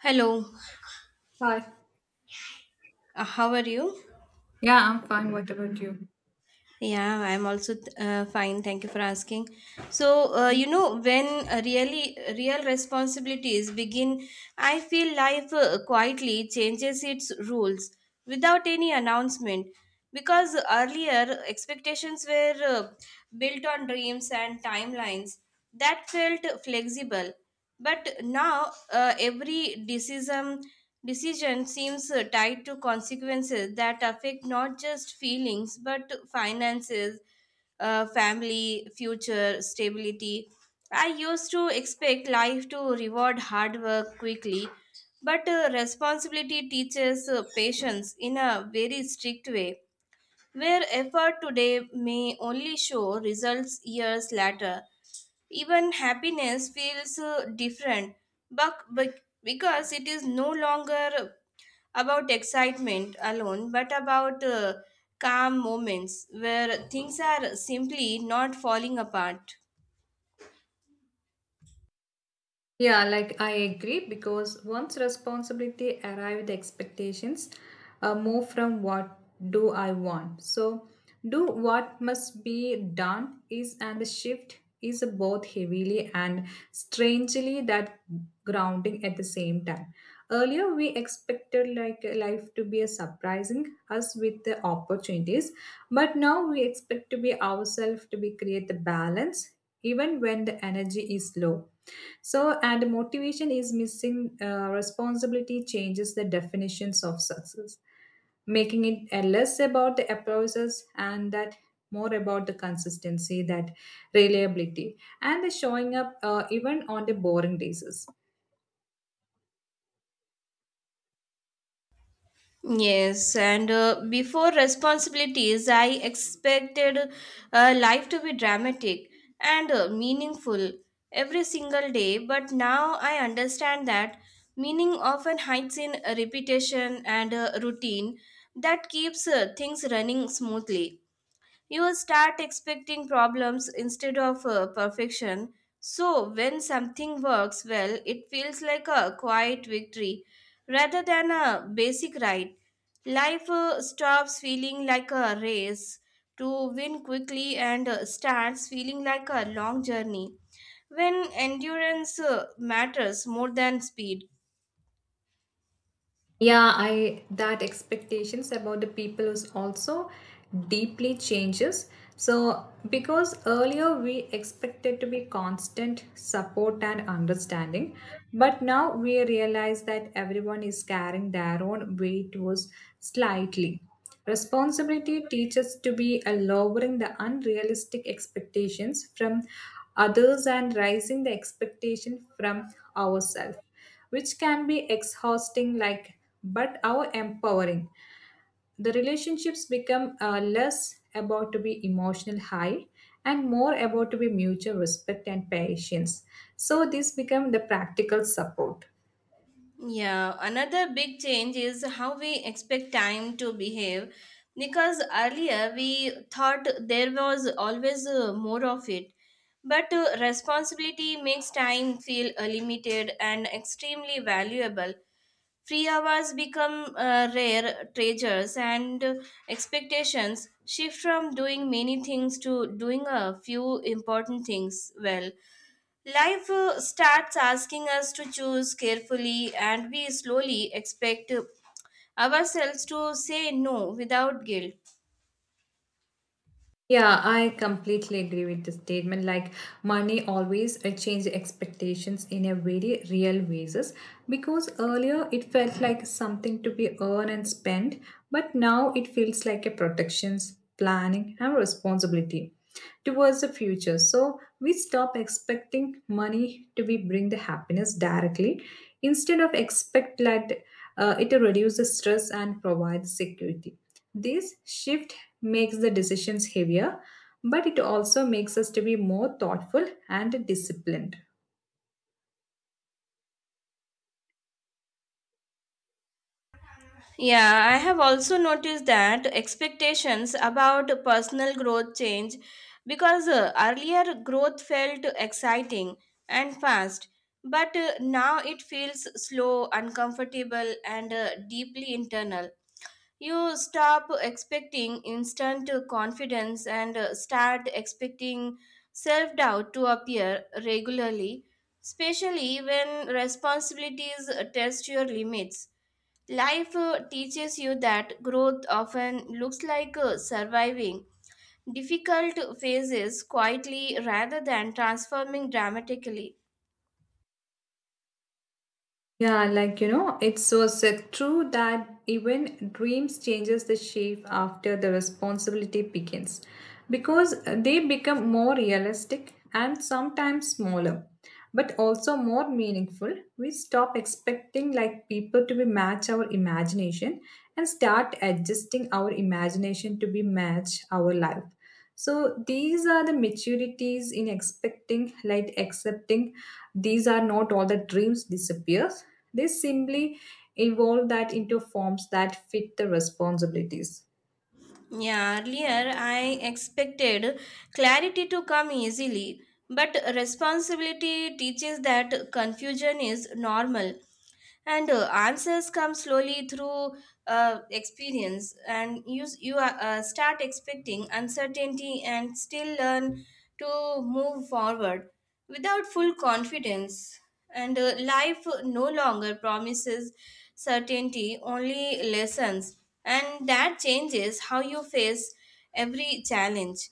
Hello, Hi. How are you? Yeah, I'm fine. What about you? Yeah, I'm also fine. Thank you for asking. So, when real responsibilities begin, I feel life quietly changes its rules without any announcement. Because earlier expectations were built on dreams and timelines that felt flexible. But now every decision seems tied to consequences that affect not just feelings but finances, family, future stability. I used to expect life to reward hard work quickly, but responsibility teaches patience in a very strict way, where effort today may only show results years later. Even happiness feels different, but because it is no longer about excitement alone but about calm moments where things are simply not falling apart. Yeah, like I agree because once responsibility arrive, the expectations move from what do I want. So, do what must be done is and the shift is both heavily and strangely that grounding at the same time. Earlier, we expected like life to be a surprising us with the opportunities, but now we expect to be ourselves to be create the balance even when the energy is low so, and motivation is missing, responsibility changes the definitions of success, making it less about the applauses and that more about the consistency, that reliability, and the showing up even on the boring days. Yes, and before responsibilities, I expected life to be dramatic and meaningful every single day, but now I understand that meaning often hides in repetition and routine that keeps things running smoothly. You will start expecting problems instead of perfection. So, when something works well, it feels like a quiet victory rather than a basic right. Life stops feeling like a race to win quickly and starts feeling like a long journey when endurance matters more than speed. Yeah, I that expectations about the people is also deeply changes so because earlier we expected to be constant support and understanding but now we realize that everyone is carrying their own weight was slightly responsibility teaches to be a lowering the unrealistic expectations from others and rising the expectation from ourselves which can be exhausting like but our empowering the relationships become less about to be emotional high and more about to be mutual respect and patience so this become the practical support. Yeah, another big change is how we expect time to behave, because earlier we thought there was always more of it. But responsibility makes time feel limited and extremely valuable. Free hours become rare treasures, and expectations shift from doing many things to doing a few important things well. Life starts asking us to choose carefully, and we slowly expect ourselves to say no without guilt. Yeah, I completely agree with the statement. Like money always change expectations in a very real basis because earlier it felt like something to be earned and spent, but now it feels like a protections, planning, and responsibility towards the future. So we stop expecting money to be bring the happiness directly, instead of expect that it reduces stress and provides security. This shift makes the decisions heavier, but it also makes us to be more thoughtful and disciplined. Yeah, I have also noticed that expectations about personal growth change, because earlier growth felt exciting and fast, but now it feels slow, uncomfortable, and deeply internal. You stop expecting instant confidence and start expecting self doubt to appear regularly, especially when responsibilities test your limits. Life teaches you that growth often looks like surviving difficult phases quietly rather than transforming dramatically. Yeah, like you know, it's so true that even dreams changes the shape after the responsibility begins because they become more realistic and sometimes smaller but also more meaningful. We stop expecting like people to be match our imagination and start adjusting our imagination to be match our life. So these are the maturities in expecting, like accepting these are not all that dreams disappears. They simply evolve that into forms that fit the responsibilities. Yeah, earlier I expected clarity to come easily, but responsibility teaches that confusion is normal and answers come slowly through experience, and you start expecting uncertainty and still learn to move forward without full confidence. And life no longer promises certainty, only lessons, and that changes how you face every challenge.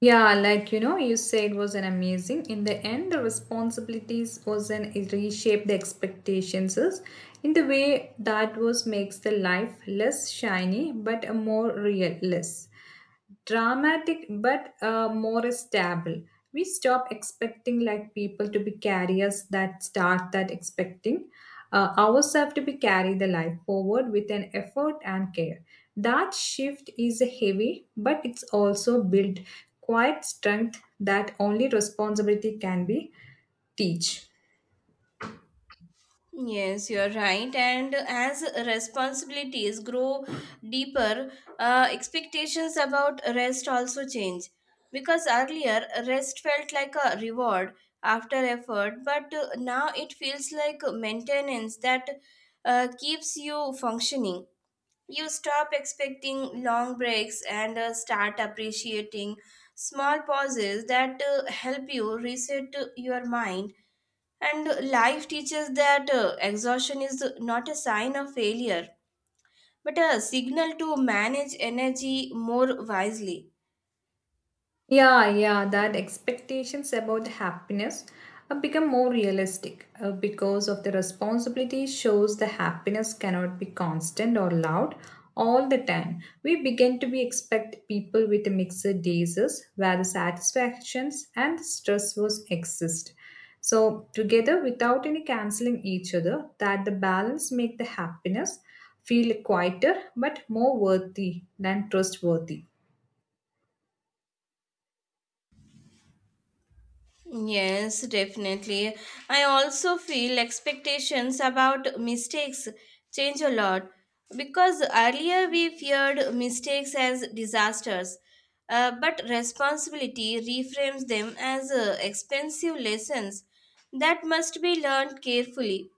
Yeah, like you know, you said was an amazing. In the end, the responsibilities was an it reshaped the expectations is in the way that was makes the life less shiny but a more real less dramatic but more stable. We stop expecting like people to be carriers that start that expecting ourselves to be carry the life forward with an effort and care that shift is heavy but it's also built quite strength that only responsibility can be teach. Yes, you're right. And as responsibilities grow deeper, expectations about rest also change. Because earlier, rest felt like a reward after effort, but now it feels like maintenance that keeps you functioning. You stop expecting long breaks and start appreciating small pauses that help you reset your mind, and life teaches that exhaustion is not a sign of failure, but a signal to manage energy more wisely. Yeah, yeah, that expectations about happiness have become more realistic because of the responsibility shows the happiness cannot be constant or loud all the time. We begin to be expect people with mixed days where the satisfactions and the stress was exist. So together without any canceling each other, that the balance make the happiness feel quieter but more worthy than trustworthy. Yes, definitely. I also feel expectations about mistakes change a lot, because earlier we feared mistakes as disasters, but responsibility reframes them as expensive lessons that must be learned carefully.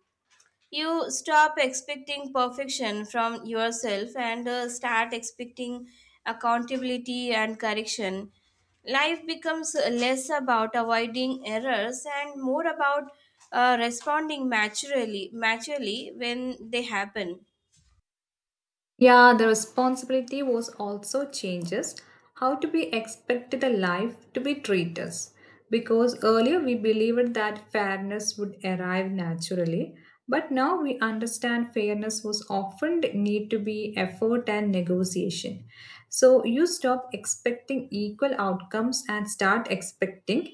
You stop expecting perfection from yourself and start expecting accountability and correction. Life becomes less about avoiding errors and more about responding maturely when they happen. Yeah, the responsibility was also changes how to we expect the life to be treated because earlier we believed that fairness would arrive naturally but now we understand fairness was often need to be effort and negotiation so you stop expecting equal outcomes and start expecting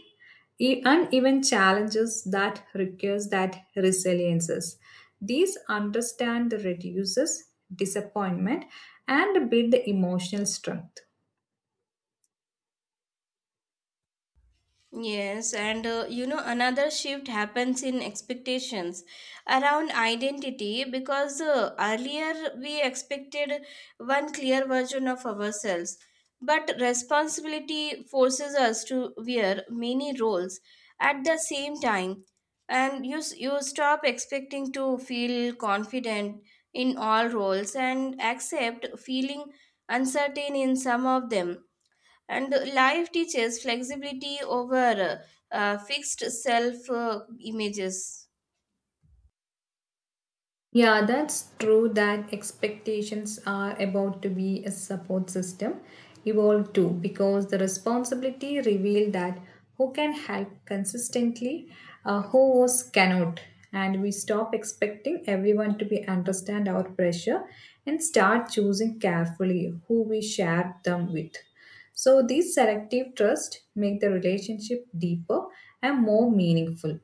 And even challenges that requires that resiliences. These understand reduces disappointment and build emotional strength. Yes, and another shift happens in expectations around identity, because earlier we expected one clear version of ourselves, but responsibility forces us to wear many roles at the same time, and you stop expecting to feel confident in all roles and accept feeling uncertain in some of them. And life teaches flexibility over fixed self images. Yeah, that's true that expectations are about to be a support system evolve too because the responsibility revealed that who can help consistently, who else cannot. And we stop expecting everyone to be understand our pressure and start choosing carefully who we share them with. So these selective trust make the relationship deeper and more meaningful.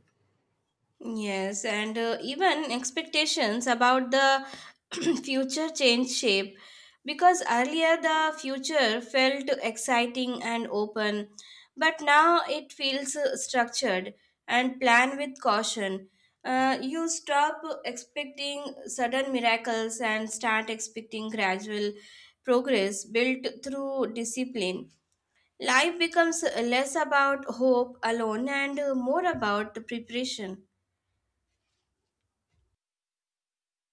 Yes, and even expectations about the future change shape, because earlier the future felt exciting and open, but now it feels structured and planned with caution. You stop expecting sudden miracles and start expecting gradual progress built through discipline. Life becomes less about hope alone and more about the preparation.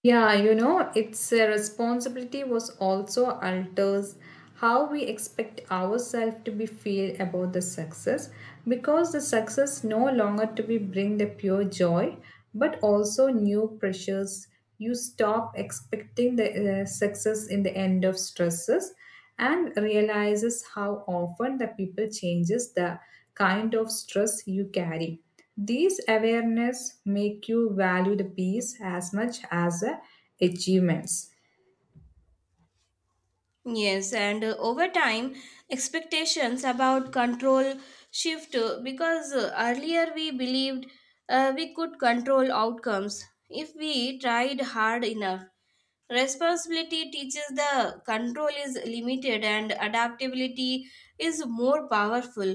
Yeah, you know, its responsibility was also alters how we expect ourselves to be feel about the success because the success no longer to be bring the pure joy but also new pressures. You stop expecting the success in the end of stresses and realizes how often the people changes the kind of stress you carry. These awareness make you value the peace as much as the achievements. Yes, and over time, expectations about control shift, because earlier we believed we could control outcomes if we tried hard enough. Responsibility teaches the control is limited and adaptability is more powerful.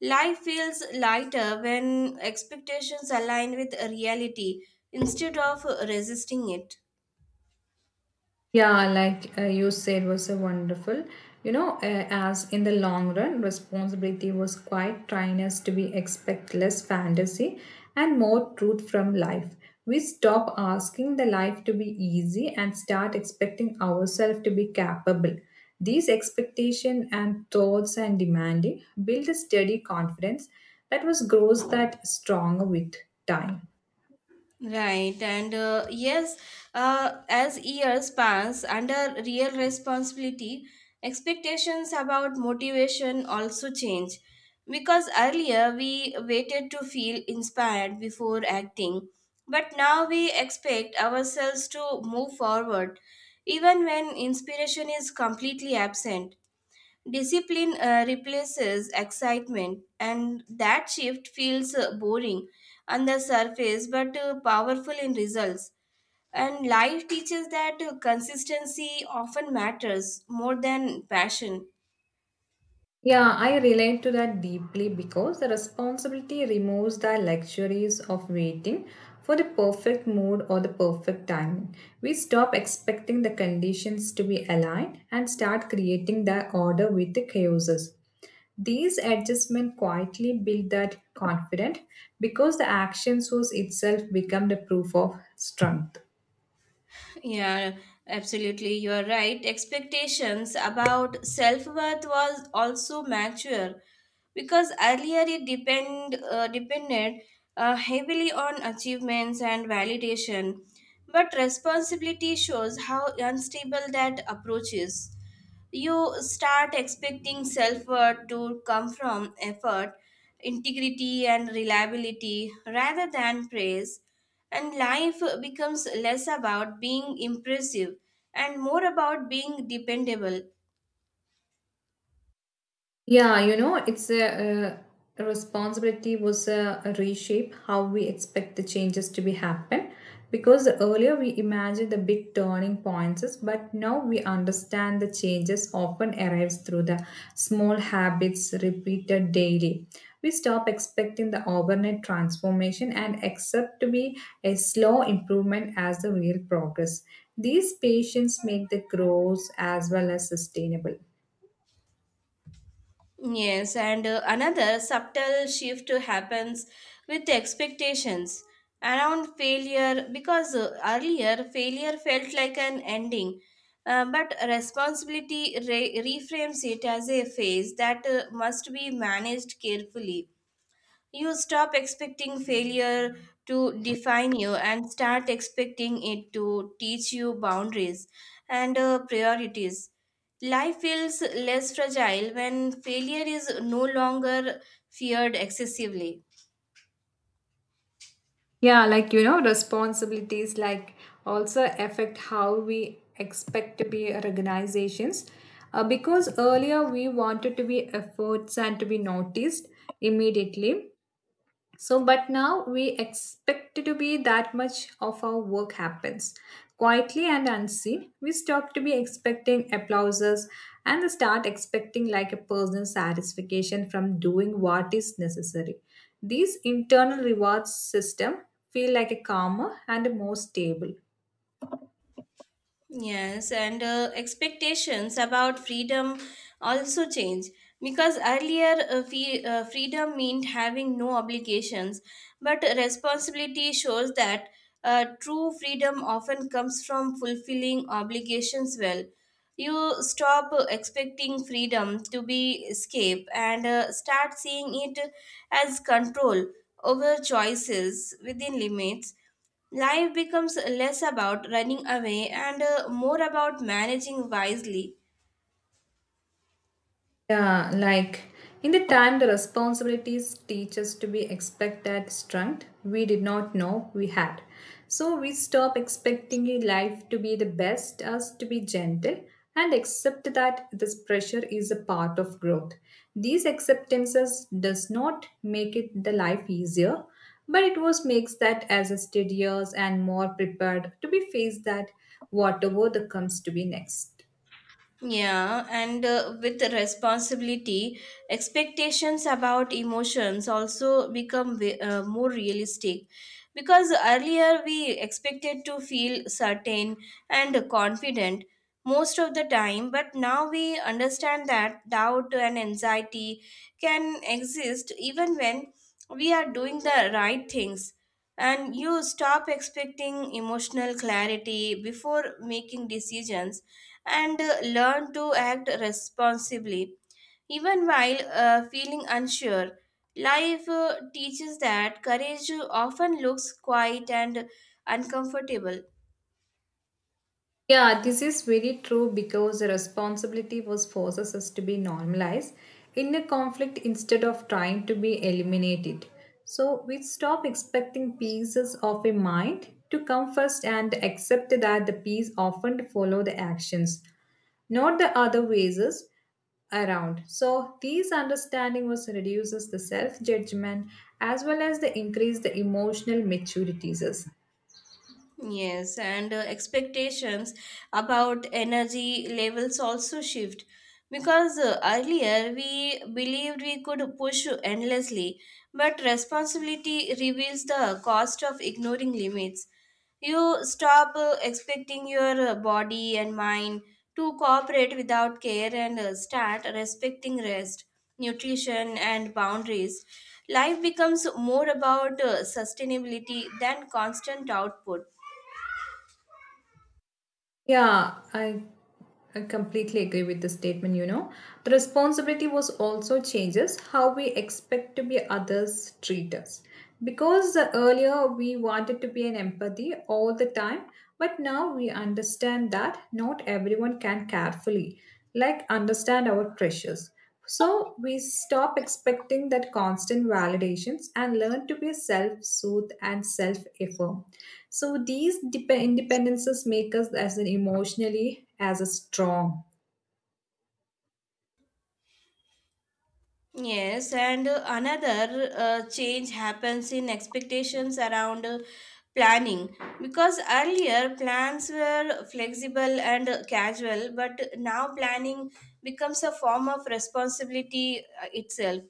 Life feels lighter when expectations align with reality instead of resisting it. Yeah, like you said, was a wonderful. You know, as in the long run, responsibility was quite trying us to be expect less fantasy and more truth from life. We stop asking the life to be easy and start expecting ourselves to be capable. These expectation and thoughts and demanding build a steady confidence that was grows that stronger with time. Right, and as years pass, under real responsibility, expectations about motivation also change. Because earlier we waited to feel inspired before acting, but now we expect ourselves to move forward even when inspiration is completely absent. Discipline replaces excitement, and that shift feels boring on the surface but powerful in results. And life teaches that consistency often matters more than passion. Yeah, I relate to that deeply because the responsibility removes the luxuries of waiting for the perfect mood or the perfect timing. We stop expecting the conditions to be aligned and start creating the order with the chaoses. These adjustments quietly build that confidence because the action source itself become the proof of strength. Yeah, absolutely. You are right. Expectations about self worth was also mature, because earlier it depended heavily on achievements and validation, but responsibility shows how unstable that approach is. You start expecting self worth to come from effort, integrity, and reliability rather than praise. And life becomes less about being impressive and more about being dependable. Yeah, you know, it's a responsibility was a reshape how we expect the changes to be happen because earlier we imagined the big turning points, but now we understand the changes often arrives through the small habits repeated daily. We stop expecting the overnight transformation and accept to be a slow improvement as the real progress. These patients make the growth as well as sustainable. Yes, and another subtle shift happens with expectations around failure, because earlier failure felt like an ending, but responsibility reframes it as a phase that must be managed carefully. You stop expecting failure to define you and start expecting it to teach you boundaries and priorities. Life feels less fragile when failure is no longer feared excessively. Yeah, like you know, responsibilities like also affect how we expect to be organizations. Because earlier we wanted to be efforts and to be noticed immediately, so, but now we expect it to be that much of our work happens. Quietly and unseen, we stop to be expecting applauses and start expecting like a personal satisfaction from doing what is necessary. These internal rewards system feel like a calmer and more stable. Yes, and expectations about freedom also change, because earlier freedom meant having no obligations, but responsibility shows that true freedom often comes from fulfilling obligations well. You stop expecting freedom to be escape and start seeing it as control over choices within limits. Life becomes less about running away and more about managing wisely. Yeah, like in the time the responsibilities teach us to be expect that strength we did not know we had. So we stop expecting a life to be the best us to be gentle and accept that this pressure is a part of growth. These acceptances does not make it the life easier, but it was makes that as a steadier and more prepared to be faced that whatever the comes to be next. Yeah, and with responsibility, expectations about emotions also become more realistic, because earlier we expected to feel certain and confident most of the time, but now we understand that doubt and anxiety can exist even when we are doing the right things. And you stop expecting emotional clarity before making decisions and learn to act responsibly even while feeling unsure. Life teaches that courage often looks quiet and uncomfortable. Yeah, this is very true because the responsibility was forces us to be normalized in a conflict instead of trying to be eliminated. So we stop expecting pieces of a mind to come first and accept that the piece often follow the actions, not the other ways around. So these understanding was reduces the self judgment as well as the increase the emotional maturities. Yes, and expectations about energy levels also shift, because earlier we believed we could push endlessly, but responsibility reveals the cost of ignoring limits. You stop expecting your body and mind to cooperate without care and start respecting rest, nutrition, and boundaries. Life becomes more about sustainability than constant output. Yeah, I completely agree with the statement, you know. The responsibility was also changes how we expect to be others treat us. Because earlier we wanted to be an empathy all the time, but now we understand that not everyone can carefully, like understand our pressures. So we stop expecting that constant validations and learn to be self-soothe and self-affirm. So these independences make us as an emotionally as a strong. Yes, and another change happens in expectations around planning, because earlier plans were flexible and casual, but now planning becomes a form of responsibility itself.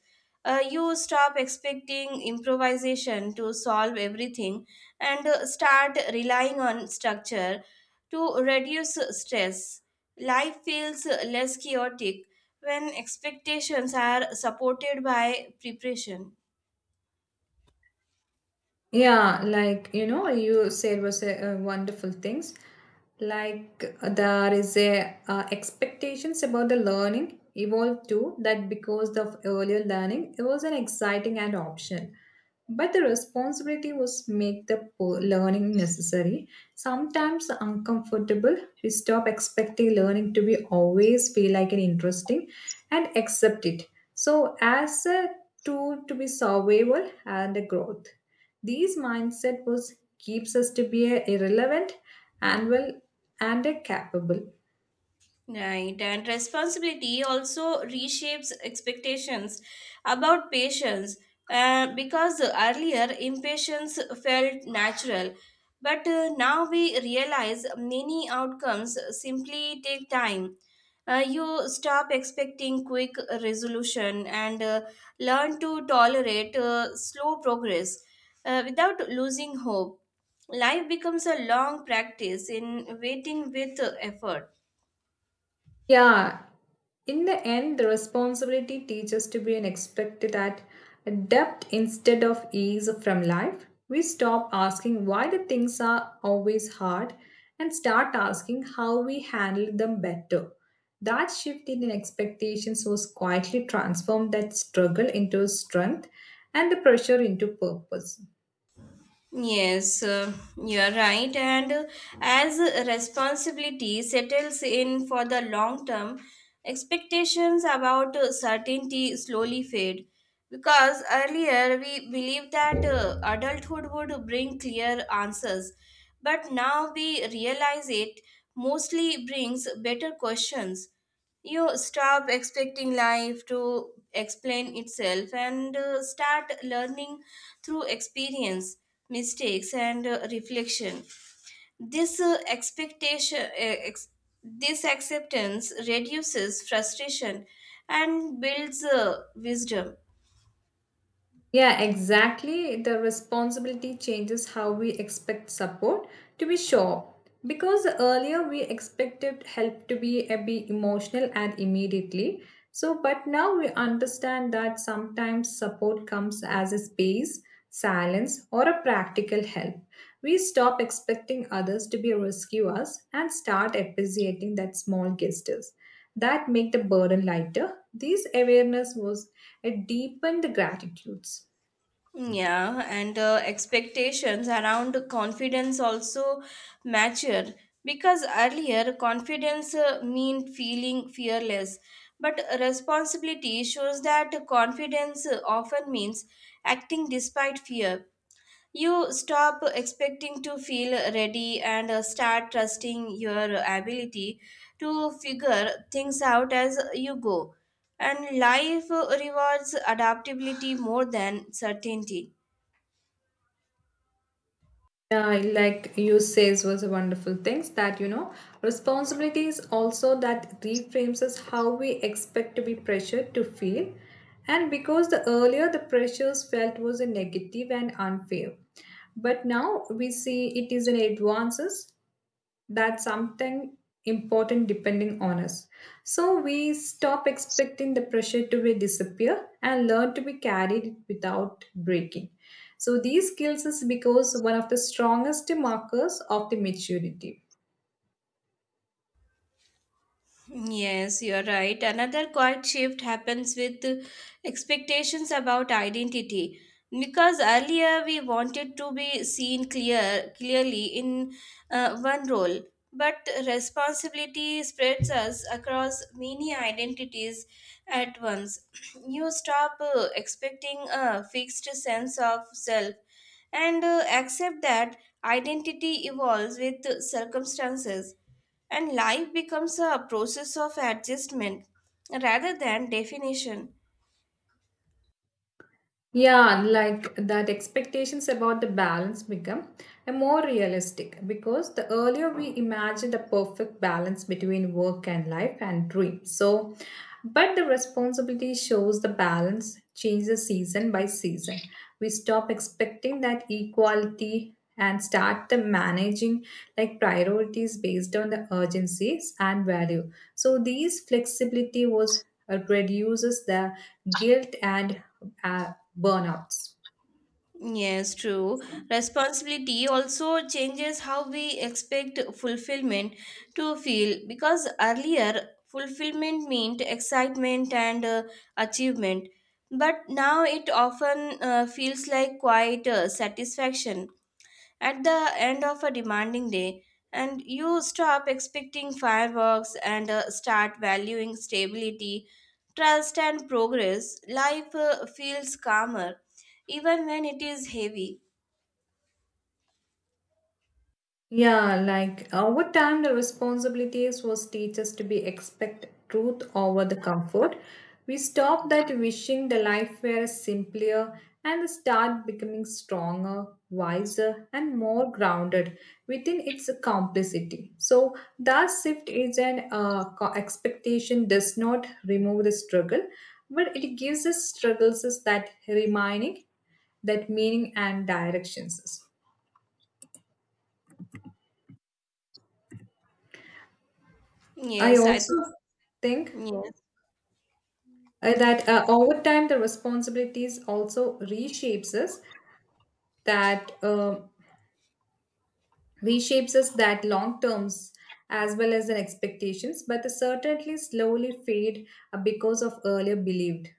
You stop expecting improvisation to solve everything and start relying on structure to reduce stress. Life feels less chaotic when expectations are supported by preparation. Yeah, like you know, you said was a, wonderful things. Like there is a expectations about the learning evolved too. That because of earlier learning, it was an exciting and option, but the responsibility was make the learning necessary. Sometimes uncomfortable. We stop expecting learning to be always feel like an interesting, and accept it. So as a tool to be survival and a growth. These mindset was keeps us to be a irrelevant and well and a capable. Right, and responsibility also reshapes expectations about patients, because earlier impatience felt natural, but now we realize many outcomes simply take time. You stop expecting quick resolution and learn to tolerate slow progress without losing hope. Life becomes a long practice in waiting with effort. Yeah, in the end, the responsibility teaches to be an expected at depth instead of ease from life. We stop asking why the things are always hard and start asking how we handle them better. That shift in expectations was quietly transformed that struggle into strength and the pressure into purpose. Yes, you are right. And as responsibility settles in for the long term, expectations about certainty slowly fade. Because earlier we believed that adulthood would bring clear answers, but now we realize it mostly brings better questions. You stop expecting life to explain itself and start learning through experience, mistakes, and reflection. this uh, expectation uh, ex- this acceptance reduces frustration and builds wisdom. Yeah, exactly. The responsibility changes how we expect support to be sure. Because earlier we expected help to be a bit emotional and immediately. So, but now we understand that sometimes support comes as a space, silence, or a practical help. We stop expecting others to be rescue us and start appreciating that small gestures that make the burden lighter. This awareness was a deepened gratitudes. Yeah, and expectations around confidence also mature, because earlier confidence meant feeling fearless, but responsibility shows that confidence often means acting despite fear. You stop expecting to feel ready and start trusting your ability to figure things out as you go. And life rewards adaptability more than certainty. Yeah, I like you says was a wonderful things that you know responsibility is also that reframes us how we expect to be pressured to feel, and because the earlier the pressures felt was a negative and unfair, but now we see it is an advances that's something important depending on us. So we stop expecting the pressure to be disappear and learn to be carried it without breaking. So these skills is because one of the strongest markers of the maturity. Yes, you're right. Another quiet shift happens with expectations about identity. Because earlier we wanted to be seen clearly in one role, but responsibility spreads us across many identities at once. You stop expecting a fixed sense of self and accept that identity evolves with circumstances, and life becomes a process of adjustment rather than definition. Yeah, like that expectations about the balance become a more realistic because the earlier we imagined a perfect balance between work and life and dream. So, but the responsibility shows the balance changes season by season. We stop expecting that equality and start the managing like priorities based on the urgencies and value. So these flexibility was reduces the guilt and uh, burnouts. Yes, true. Responsibility also changes how we expect fulfillment to feel, because earlier fulfillment meant excitement and achievement, but now it often feels like quiet satisfaction at the end of a demanding day. And you stop expecting fireworks and start valuing stability, trust, and progress. Life feels calmer, even when it is heavy. Yeah, like over time, the responsibilities was teachers to be expect truth over the comfort. We stop that wishing the life were simpler and start becoming stronger, wiser, and more grounded within its complexity. So that shift is an expectation does not remove the struggle, but it gives us struggles is that reminding, that meaning and directions. I Yes, I think. also think Yes. That over time the responsibilities also reshapes us that long terms as well as the expectations but the certainly slowly fade because of earlier believed.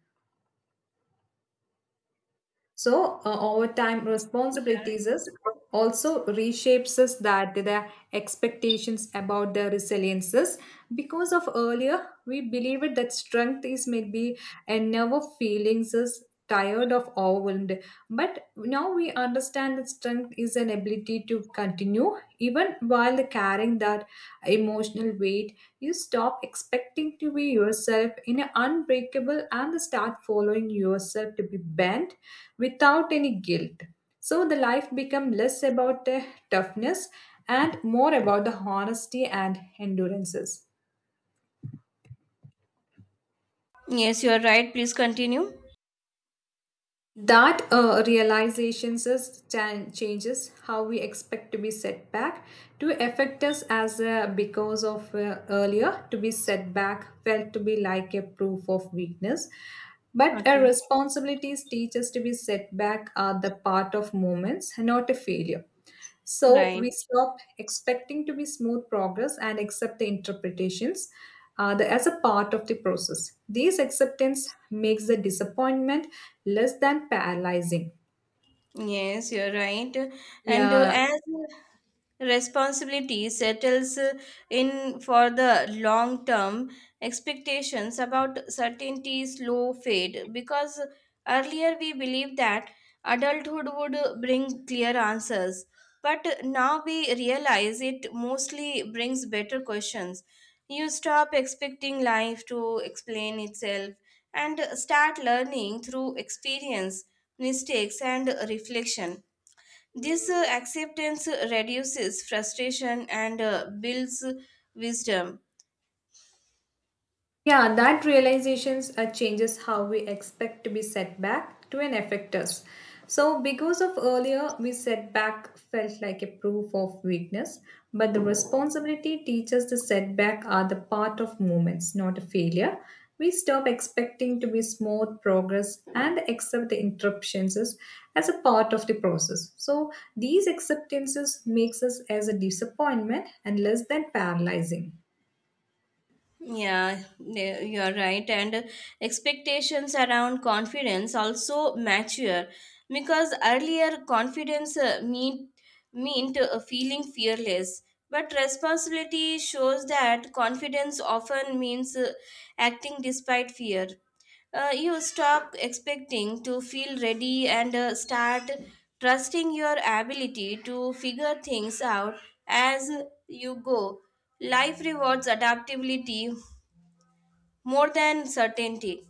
So over time, responsibilities is also reshapes us that the expectations about the resiliences because of earlier we believed that strength is maybe and never feelings is tired of overwhelmed. But now we understand that strength is an ability to continue even while the carrying that emotional weight. You stop expecting to be yourself in an unbreakable and start following yourself to be bent without any guilt. So the life become less about the toughness and more about the honesty and endurances. Yes, you are right. Please continue. That realizations changes how we expect to be set back to affect us as because of earlier to be set back felt to be like a proof of weakness, but our Okay. responsibilities teach us to be set back are the part of moments, not a failure. So Right. we stop expecting to be smooth progress and accept the interpretations as a part of the process. This acceptance makes the disappointment less than paralyzing. Yes, you're right. And Yeah, as responsibility settles in for the long term, expectations about certainty slow fade, because earlier we believed that adulthood would bring clear answers. But now we realize it mostly brings better questions. You stop expecting life to explain itself and start learning through experience, mistakes, and reflection. This acceptance reduces frustration and builds wisdom. Yeah, that realizations changes how we expect to be set back to an affect us. So, because of earlier, we setback felt like a proof of weakness, but the responsibility teaches the setback are the part of movements, not a failure. We stop expecting to be smooth progress and accept the interruptions as a part of the process. So, these acceptances makes us as a disappointment and less than paralyzing. Yeah, you are right. And expectations around confidence also mature, because earlier confidence meant feeling fearless, but responsibility shows that confidence often means acting despite fear. You stop expecting to feel ready and start trusting your ability to figure things out as you go. Life rewards adaptability more than certainty.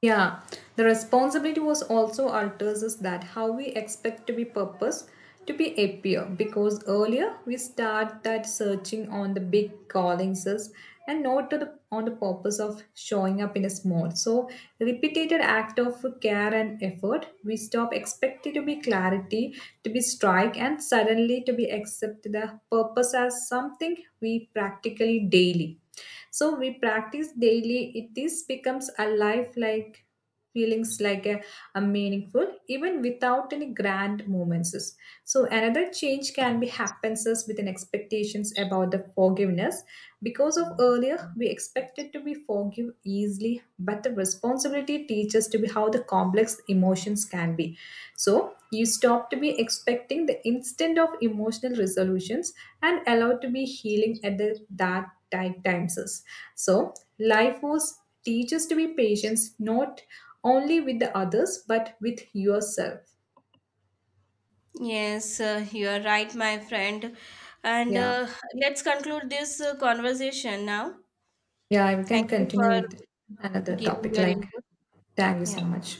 Yeah, the responsibility was also alters us that how we expect to be purpose to be appear because earlier we start that searching on the big callings us and not to the, on the purpose of showing up in a small. So repeated act of care and effort, we stop expecting to be clarity, to be strike and suddenly to be accept the purpose as something we practically daily. So we practice daily it this becomes a lifelike feelings like a meaningful even without any grand moments. So another change can be happens us with an expectations about the forgiveness because of earlier we expected to be forgive easily but the responsibility teaches to be how the complex emotions can be. So you stop to be expecting the instant of emotional resolutions and allow to be healing at the, that times us. So life force teaches to be patient not only with the others but with yourself. Yes, you are right, my friend. And Yeah. Let's conclude this conversation now. Yeah, we can Thank you continue with for another giving topic your like input. thank you so Yeah. much.